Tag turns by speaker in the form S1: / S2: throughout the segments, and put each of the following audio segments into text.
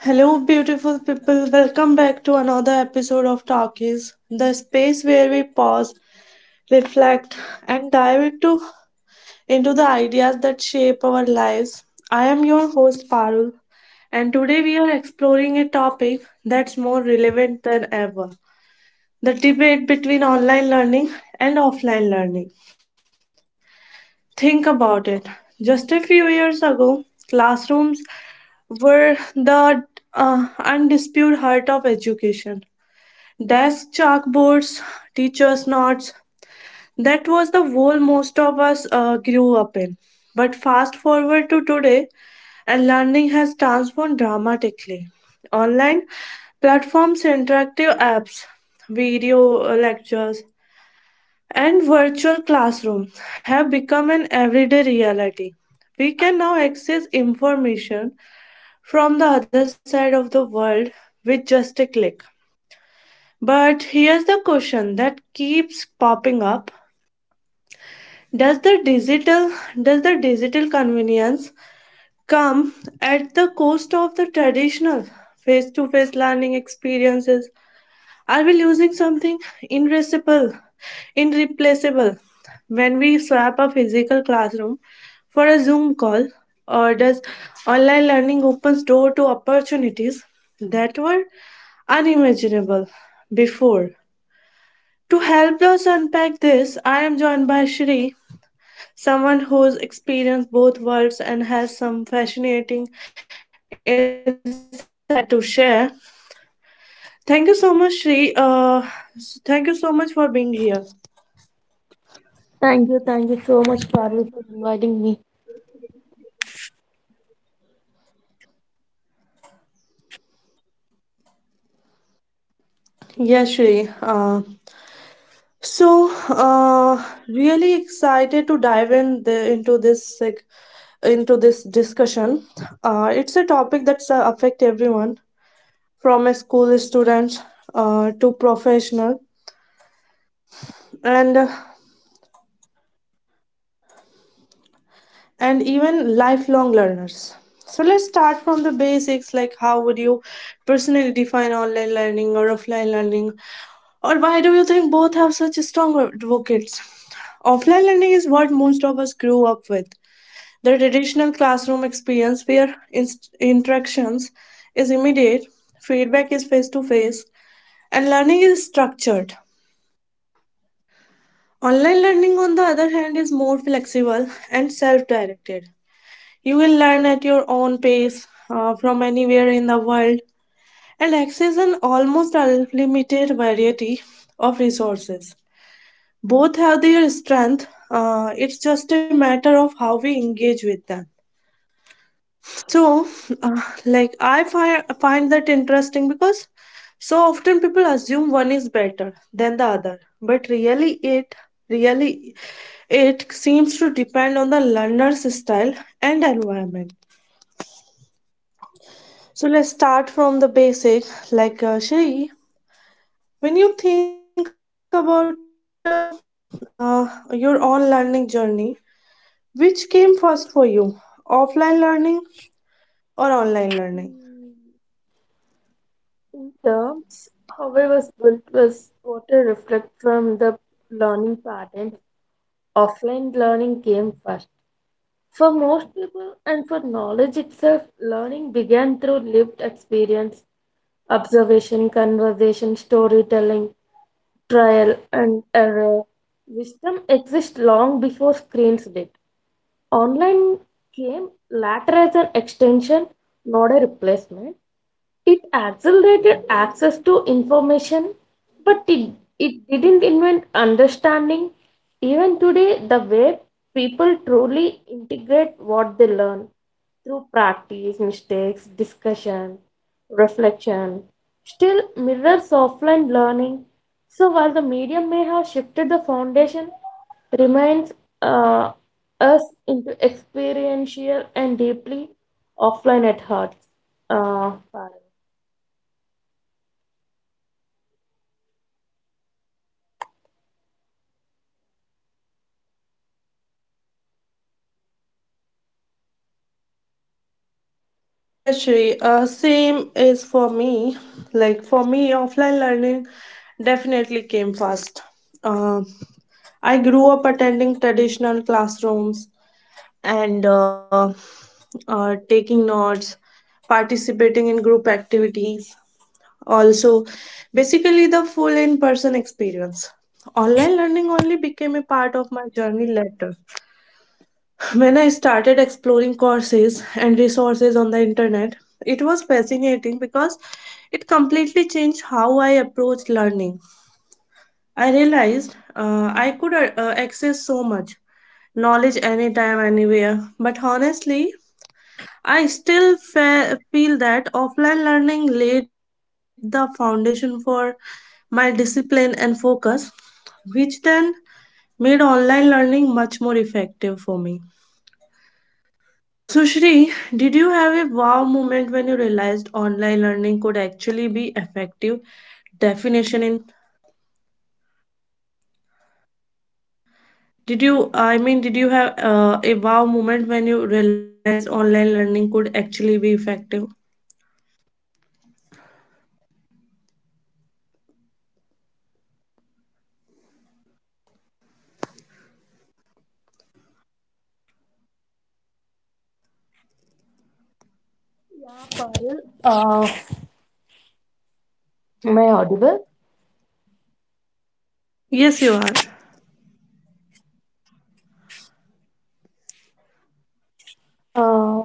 S1: Hello, beautiful people. Welcome back to another episode of Talkies, the space where we pause, reflect, and dive into the ideas that shape our lives. I am your host, Parul, and today we are exploring a topic that's more relevant than ever, the debate between online learning and offline learning. Think about it. Just a few years ago, classrooms were the undisputed heart of education. Desk, chalkboards, teacher's notes. That was the world most of us grew up in. But fast forward to today, and learning has transformed dramatically. Online platforms, interactive apps, video lectures, and virtual classrooms have become an everyday reality. We can now access information from the other side of the world with just a click. But here's the question that keeps popping up. Does the digital does the digital convenience come at the cost of the traditional face-to-face learning experiences? Are we losing something irreplaceable, irreplaceable when we swap a physical classroom for a Zoom call? Or does online learning opens door to opportunities that were unimaginable before? To help us unpack this, I am joined by Shri, someone who's experienced both worlds and has some fascinating insight to share. Thank you so much, Shri. Thank you so much for being here.
S2: Thank you so much, Parul, for inviting me.
S1: Yes, Shri. So, uh, Really excited to dive in the, into this like, into this discussion. It's a topic that's affect everyone, from a school student to professional, and even lifelong learners. So let's start from the basics, like how would you personally define online learning or offline learning, or why do you think both have such strong advocates? Offline learning is what most of us grew up with. The traditional classroom experience where interactions is immediate, feedback is face to face, and learning is structured. Online learning, on the other hand, is more flexible and self-directed. You will learn at your own pace from anywhere in the world and access an almost unlimited variety of resources. Both have their strength. It's just a matter of how we engage with them. So, find that interesting because so often people assume one is better than the other, but really, it seems to depend on the learner's style and environment. So let's start from the basic. Shri, when you think about your own learning journey, which came first for you, offline learning or online learning?
S2: Mm, In terms, how I was built was what I reflect from the learning pattern. Offline learning came first. For most people and for knowledge itself, learning began through lived experience, observation, conversation, storytelling, trial and error. Wisdom exists long before screens did. Online came later as an extension, not a replacement. It accelerated access to information, but it didn't invent understanding. Even today, the way people truly integrate what they learn through practice, mistakes, discussion, reflection, still mirrors offline learning. So while the medium may have shifted the foundation, remains uh, us into experiential and deeply offline at heart. Uh,
S1: Yeah, Shri, same is for me. Like for me, offline learning definitely came first. Uh, I grew up attending traditional classrooms and taking notes, participating in group activities. Also, basically the full in person experience. Online learning only became a part of my journey later. When I started exploring courses and resources on the internet, it was fascinating because it completely changed how I approached learning. I realized I could access so much knowledge anytime, anywhere. But honestly, I still feel that offline learning laid the foundation for my discipline and focus, which then made online learning much more effective for me. So, Shri, did you have a wow moment when you realized online learning could actually be effective? Definition in did you I mean Did you have a wow moment when you realized online learning could actually be effective?
S2: Yeah, Parul. Uh, am I audible?
S1: Yes, you are.
S2: Uh,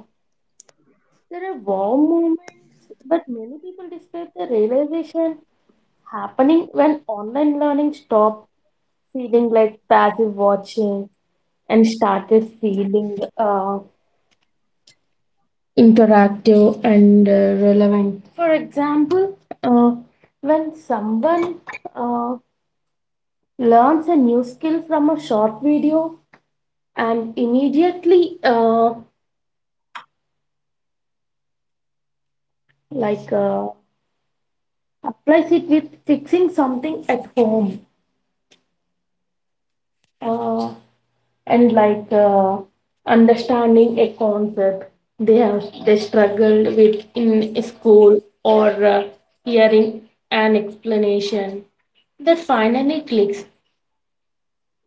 S2: there are warm moments, but many people describe the realization happening when online learning stopped feeling like passive watching and started feeling interactive and relevant. For example, uh, when someone uh, learns a new skill from a short video and immediately like uh, applies it with fixing something at home, uh, and like understanding a concept they struggled with in school, or hearing an explanation that finally clicks.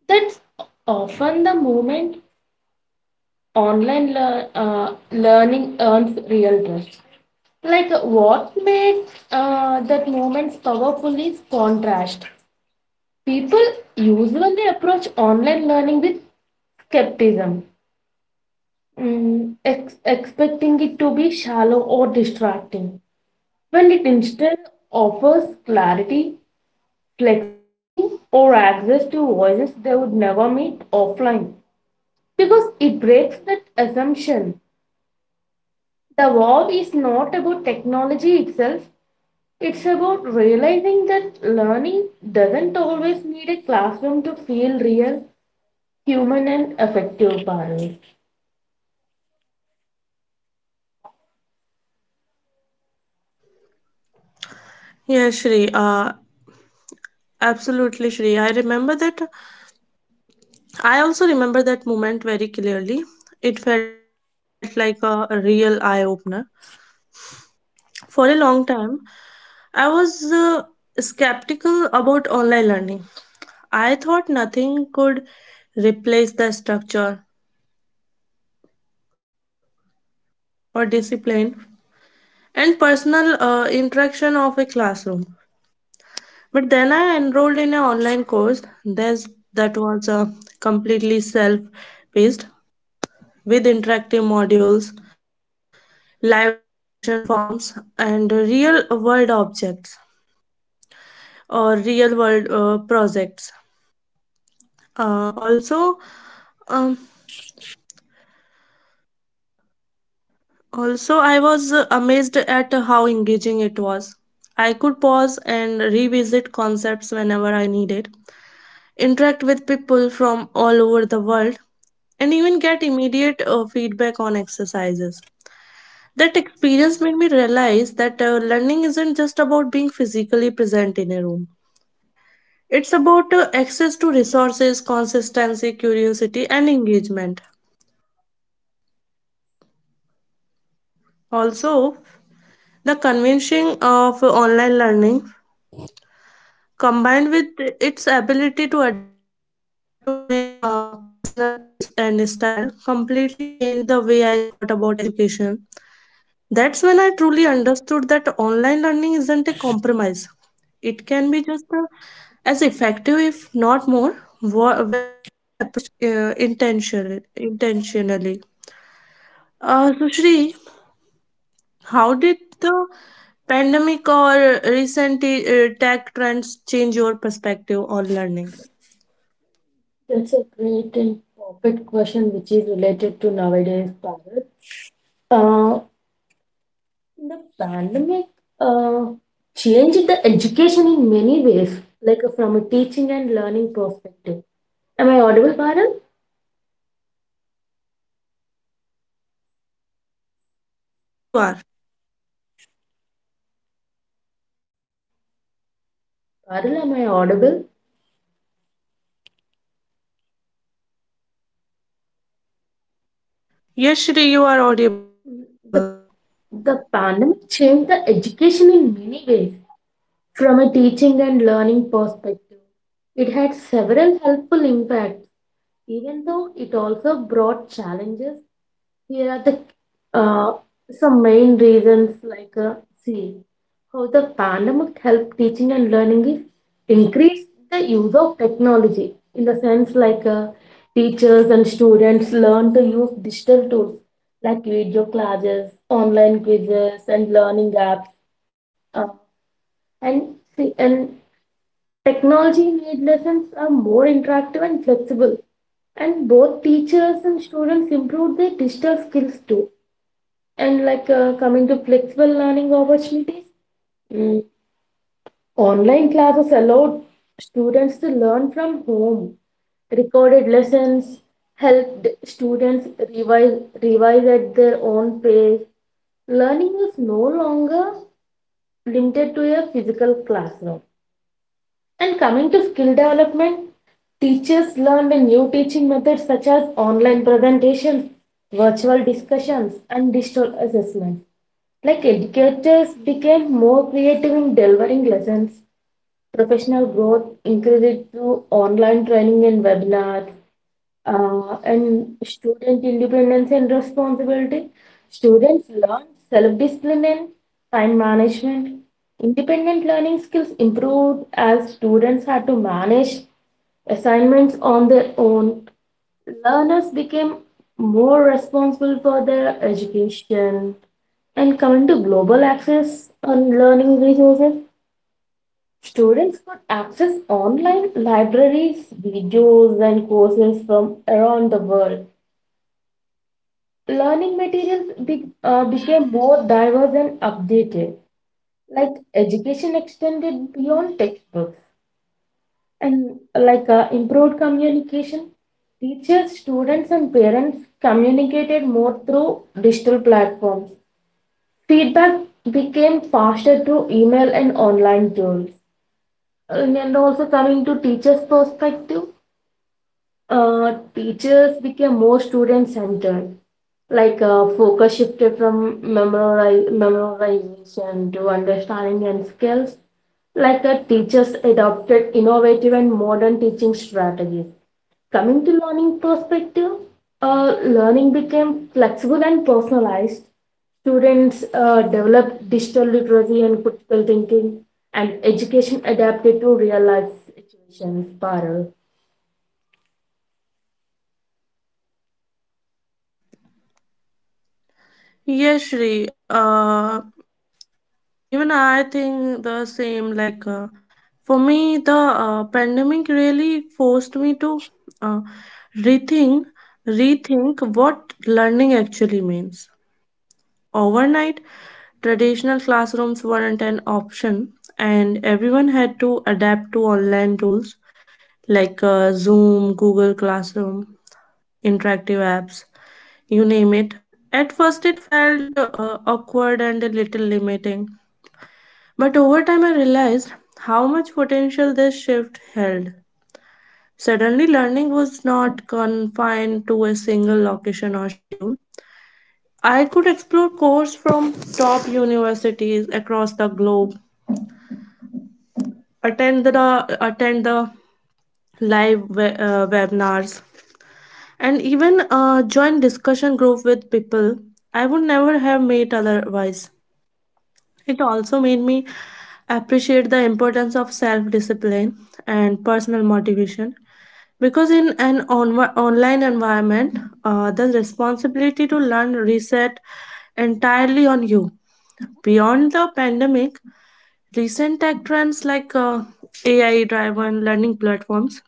S2: That's often the moment online learning earns real trust. like what makes that moment powerful is contrast. People usually approach online learning with skepticism, expecting it to be shallow or distracting, when it instead offers clarity, flexibility, or access to voices they would never meet offline. Because it breaks that assumption. The war is not about technology itself, it's about realizing that learning doesn't always need a classroom to feel real. Human and affective, Parul.
S1: Yes, Shri. Absolutely, Shri. I remember that. I also remember that moment very clearly. It felt like a real eye opener. For a long time, I was skeptical about online learning. I thought nothing could replace the structure or discipline and personal interaction of a classroom. But then I enrolled in an online course that was completely self paced with interactive modules, live discussion forums, and real world projects. Uh, also, um, Also, I was amazed at how engaging it was. I could pause and revisit concepts whenever I needed, interact with people from all over the world, and even get immediate feedback on exercises. That experience made me realize that learning isn't just about being physically present in a room. It's about access to resources, consistency, curiosity, and engagement. Also, the convincing of online learning combined with its ability to adapt to my personal pace and style completely changed the way I thought about education. That's when I truly understood that online learning isn't a compromise. It can be just as effective, if not more, when approached intentionally. Sushri, how did the pandemic or recent tech trends change your perspective on learning?
S2: That's a great and perfect question, which is related to nowadays, Bharat. Uh, the pandemic uh, changed the education in many ways, from a teaching and learning perspective. Am I audible, Bharat?
S1: Yes, you are.
S2: Bharat, am I audible?
S1: Yes, Shri, you are audible.
S2: The, the pandemic changed the education in many ways, from a teaching and learning perspective. It had several helpful impacts. Even though it also brought challenges, here are the uh, some main reasons. See, how the pandemic helped teaching and learning is increase the use of technology, in the sense teachers and students learn to use digital tools like video classes, online quizzes, and learning apps. Uh, and see, and Technology made lessons are more interactive and flexible, and both teachers and students improved their digital skills too. And coming to flexible learning opportunities, mm, online classes allowed students to learn from home. Recorded lessons helped students revise at their own pace. Learning was no longer limited to a physical classroom. And coming to skill development, teachers learned new teaching methods such as online presentations, virtual discussions, and digital assessments. Like educators became more creative in delivering lessons. Professional growth increased through online training and webinars, and student independence and responsibility. Students learn self discipline and time management. Independent learning skills improved as students had to manage assignments on their own. Learners became more responsible for their education. And coming to global access on learning resources, students could access online libraries, videos, and courses from around the world. Learning materials became more diverse and updated, like education extended beyond textbooks, and improved communication. Teachers, students, and parents communicated more through digital platforms. Feedback became faster through email and online tools. And also coming to teachers' perspective, teachers became more student-centered, focus shifted from memorization to understanding and skills. Teachers adopted innovative and modern teaching strategies. Coming to learning perspective, learning became flexible and personalized. Students developed digital literacy and critical thinking, and education adapted to real life situations. Parul.
S1: Yes, Shri. Even I think the same. For me, the pandemic really forced me to uh, rethink, rethink what learning actually means. Overnight, traditional classrooms weren't an option, and everyone had to adapt to online tools like Zoom, Google Classroom, interactive apps, you name it. At first, it felt awkward and a little limiting, but over time, I realized how much potential this shift held. Suddenly, learning was not confined to a single location or schedule. I could explore courses from top universities across the globe, attend the webinars, and even join discussion group with people I would never have met otherwise. It also made me appreciate the importance of self-discipline and personal motivation because in an online environment, the responsibility to learn reset entirely on you. Beyond the pandemic, recent tech trends like AI driven learning platforms,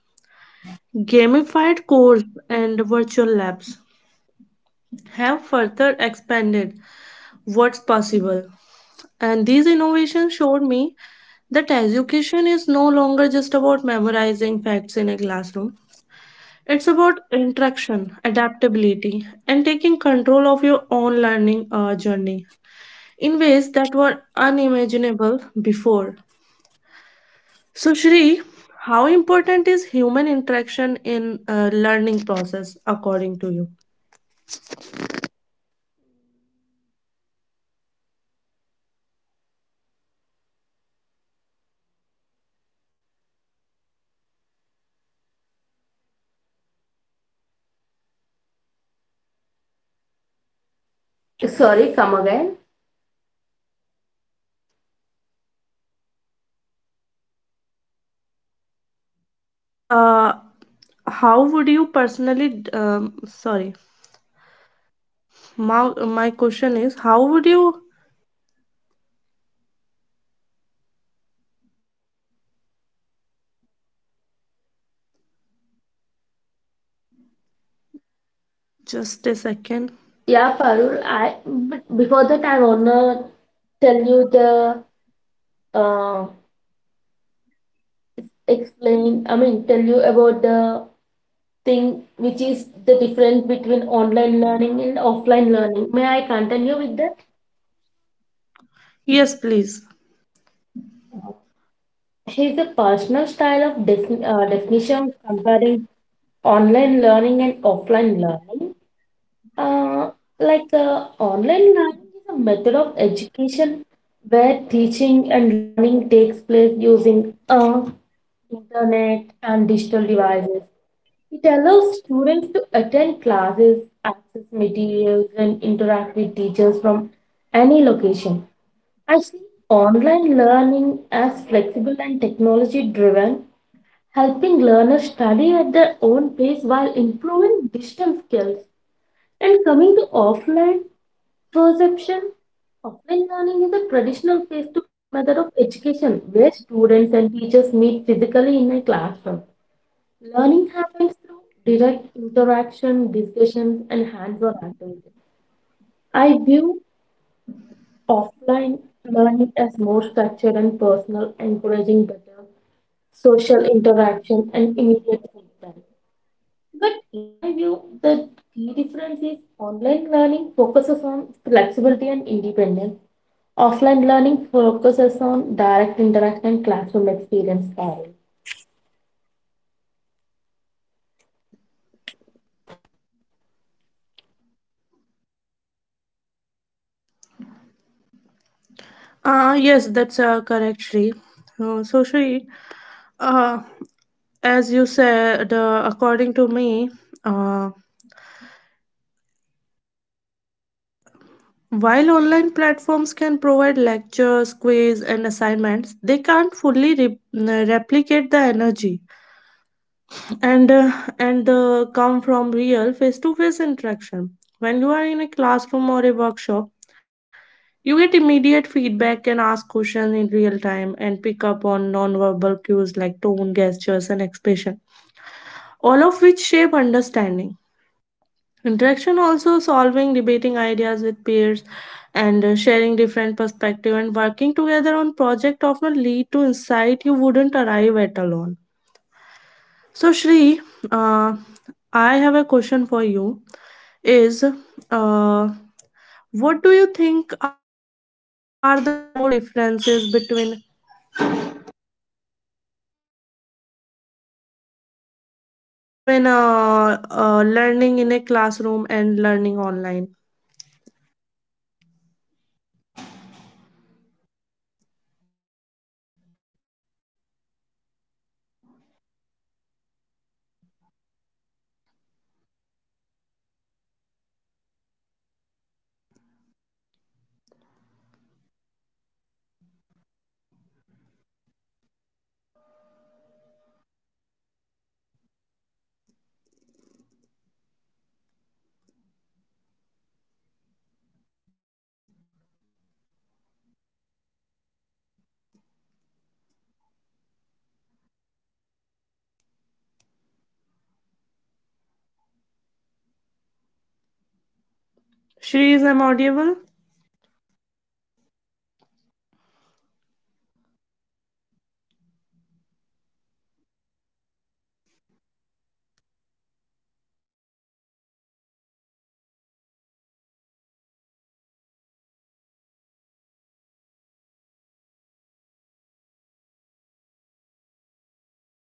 S1: gamified course, and virtual labs have further expanded what's possible. And these innovations showed me that education is no longer just about memorizing facts in a classroom. It's about interaction, adaptability, and taking control of your own learning journey in ways that were unimaginable before. So, Shri, how important is human interaction in learning process according to you?
S2: Sorry, come again.
S1: Uh, how would you personally? Sorry, my my question is, how would you? Just a second.
S2: Yeah, Parul, I but before that I wanna tell you the uh explain, I mean tell you about the thing which is the difference between online learning and offline learning. May I continue with that?
S1: Yes, please.
S2: Here's a personal style of definition of comparing online learning and offline learning. Uh, Online learning is a method of education where teaching and learning takes place using internet and digital devices. It allows students to attend classes, access materials, and interact with teachers from any location. I see online learning as flexible and technology driven, helping learners study at their own pace while improving digital skills. And coming to offline perception, offline learning is a traditional face to face method of education where students and teachers meet physically in a classroom. Learning happens through direct interaction, discussions, and hands on activities. I view offline learning as more structured and personal, encouraging better social interaction and immediate feedback. But in my view, the key difference is online learning focuses on flexibility and independence. Offline learning focuses on direct interaction and classroom experience. Parul.
S1: Yes, that's correct, Shri. Shri, uh, as you said, according to me, uh, while online platforms can provide lectures, quiz, and assignments, they can't fully replicate the energy and uh, and come from real face-to-face interaction. When you are in a classroom or a workshop, you get immediate feedback and ask questions in real time and pick up on non-verbal cues like tone, gestures, and expression, all of which shape understanding. Interaction also solving, debating ideas with peers, and sharing different perspective and working together on project often lead to insight you wouldn't arrive at alone. So Shri, uh, I have a question for you. Is what do you think are the core differences between learning in a classroom and learning online? Shri, is I'm audible?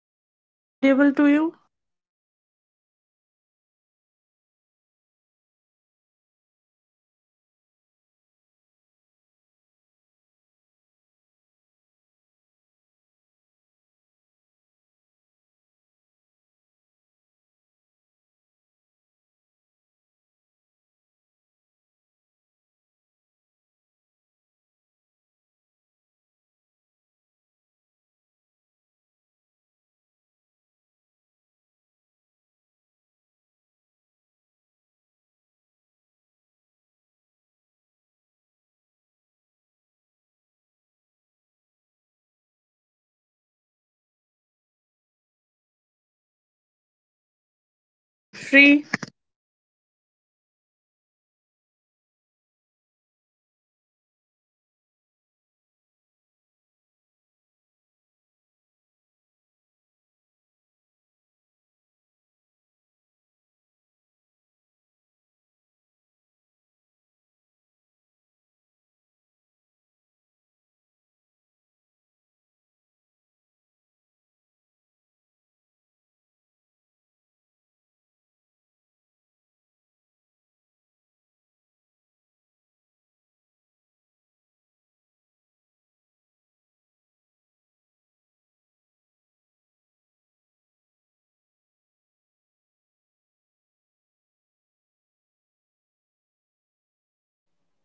S1: Shri, is I'm audible to you? Shri.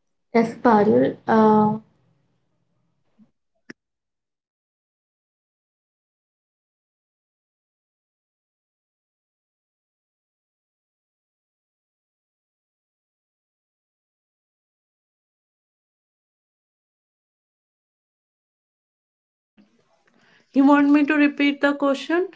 S2: Yes, Parul.
S1: You want me to repeat the question?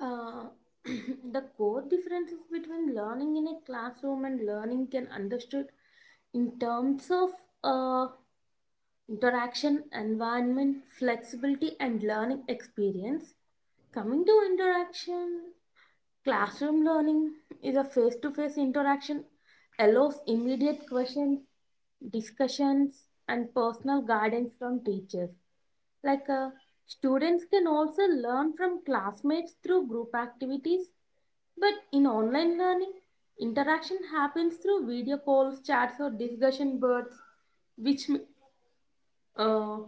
S2: Uh, the core differences between learning in a classroom and learning can understood in terms of uh, interaction, environment, flexibility, and learning experience. Coming to interaction, classroom learning is a face to face interaction, allows immediate questions, discussions, and personal guidance from teachers. Like uh, Students can also learn from classmates through group activities, but in online learning, interaction happens through video calls, chats, or discussion boards, which m- uh,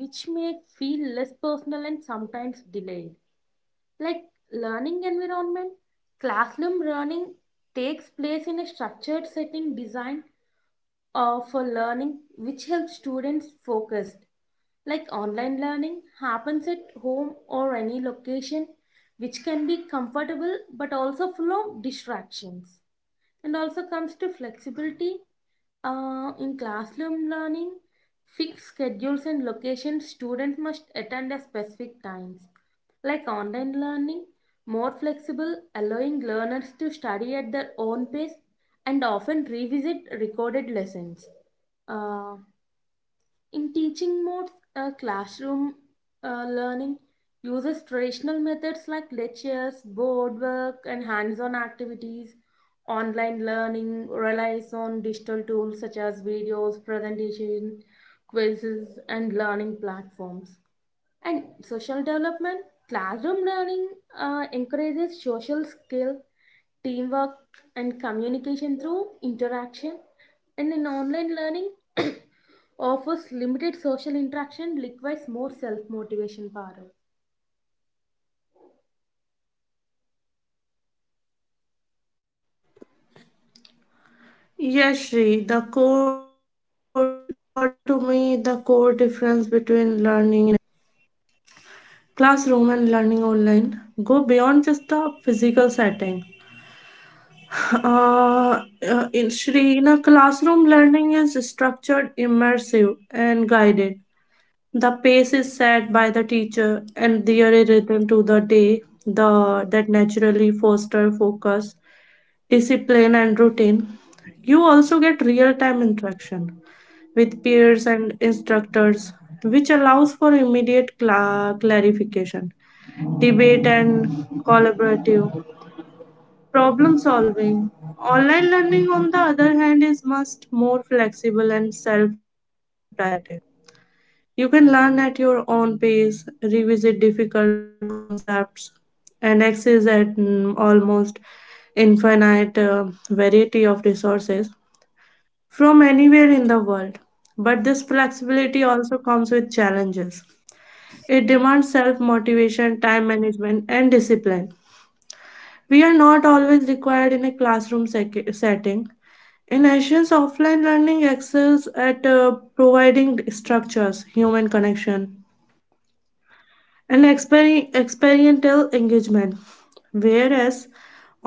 S2: which may feel less personal and sometimes delayed. Like learning environment, classroom learning takes place in a structured setting designed for learning, which helps students focused. Like online learning happens at home or any location, which can be comfortable but also full of distractions. And also comes to flexibility, in classroom learning, fixed schedules and locations students must attend at specific times, like online learning more flexible, allowing learners to study at their own pace and often revisit recorded lessons. Uh, in teaching modes, classroom learning uses traditional methods like lectures, board work, and hands on activities. Online learning relies on digital tools such as videos, presentation, quizzes, and learning platforms. And social development, classroom learning encourages social skill, teamwork, and communication through interaction. And in online learning, offers limited social interaction, requires more self motivation power.
S1: Yes, Shri. The core, according to me, the core difference between learning in a classroom and learning online go beyond just the physical setting. Uh, in Shri, in a classroom, learning is structured, immersive, and guided. The pace is set by the teacher, and there is rhythm to the day the that naturally foster focus, discipline and routine. You also get real time interaction with peers and instructors, which allows for immediate clarification, debate, and collaborative problem solving. Online learning, on the other hand, is much more flexible and self directed. You can learn at your own pace, revisit difficult concepts, and access at almost infinite variety of resources from anywhere in the world. But this flexibility also comes with challenges. It demands self motivation, time management, and discipline. We are not always required in a classroom setting. In Asians, offline learning excels at providing structures, human connection, and experiential engagement, whereas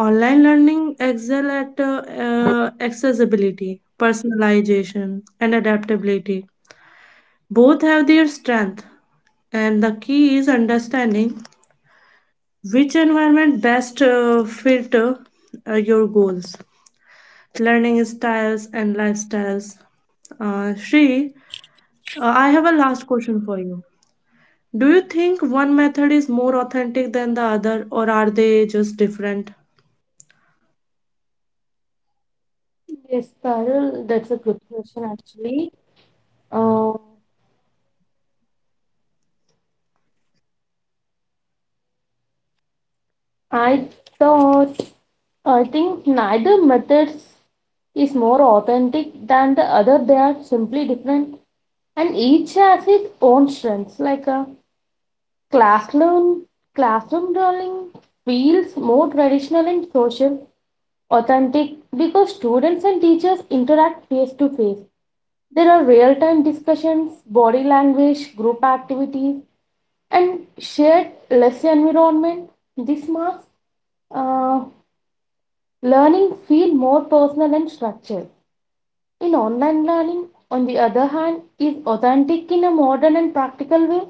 S1: online learning excel at accessibility, personalization, and adaptability. Both have their strength, and the key is understanding which environment best fit your goals, learning styles, and lifestyles. Shri, I have a last question for you. Do you think one method is more authentic than the other, or are they just different?
S2: Yes, Parul, that's a good question actually. Uh, I thought, I think neither methods is more authentic than the other. They are simply different, and each has its own strengths. Like a classroom, classroom drawing feels more traditional and social, authentic because students and teachers interact face to face. There are real time discussions, body language, group activities, and shared lesson environment. This marks uh, learning feel more personal and structured. In online learning, on the other hand, is authentic in a modern and practical way.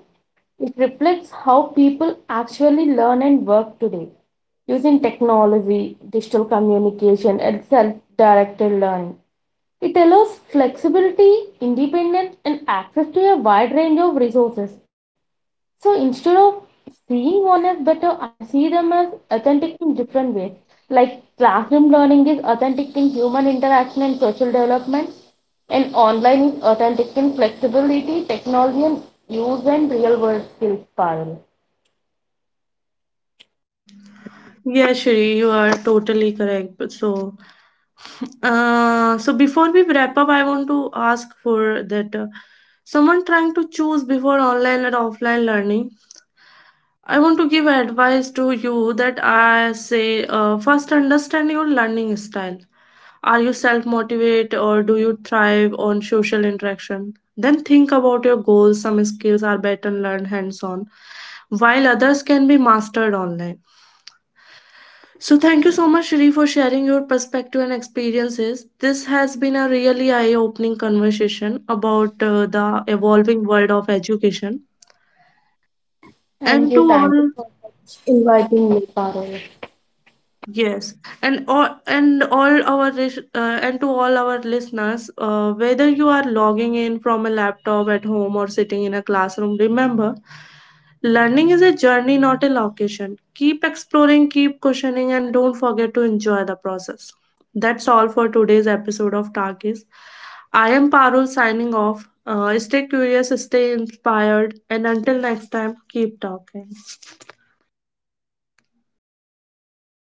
S2: It reflects how people actually learn and work today using technology, digital communication, and self directed learning. It allows flexibility, independence, and access to a wide range of resources. So instead of seeing one as better, I see them as authentic in different ways. Like classroom learning is authentic in human interaction and social development, and online is authentic in flexibility, technology, and use and real world skills, Parul.
S1: Yeah, Shri, you are totally correct. So before we wrap up, I want to ask for that someone trying to choose before online and offline learning. I want to give advice to you that I say, first understand your learning style. Are you self motivate or do you thrive on social interaction? Then think about your goals. Some skills are better learned hands on, while others can be mastered online. So, thank you so much, Shri, for sharing your perspective and experiences. This has been a really eye opening conversation about the evolving world of education. And to
S2: Thank you
S1: all,
S2: for inviting me, Parul.
S1: yes, and to all our listeners, whether you are logging in from a laptop at home or sitting in a classroom, remember, learning is a journey, not a location. Keep exploring, keep questioning, and don't forget to enjoy the process. That's all for today's episode of Tarkis. I am Parul signing off. Stay curious, stay inspired, and until next time, keep talking.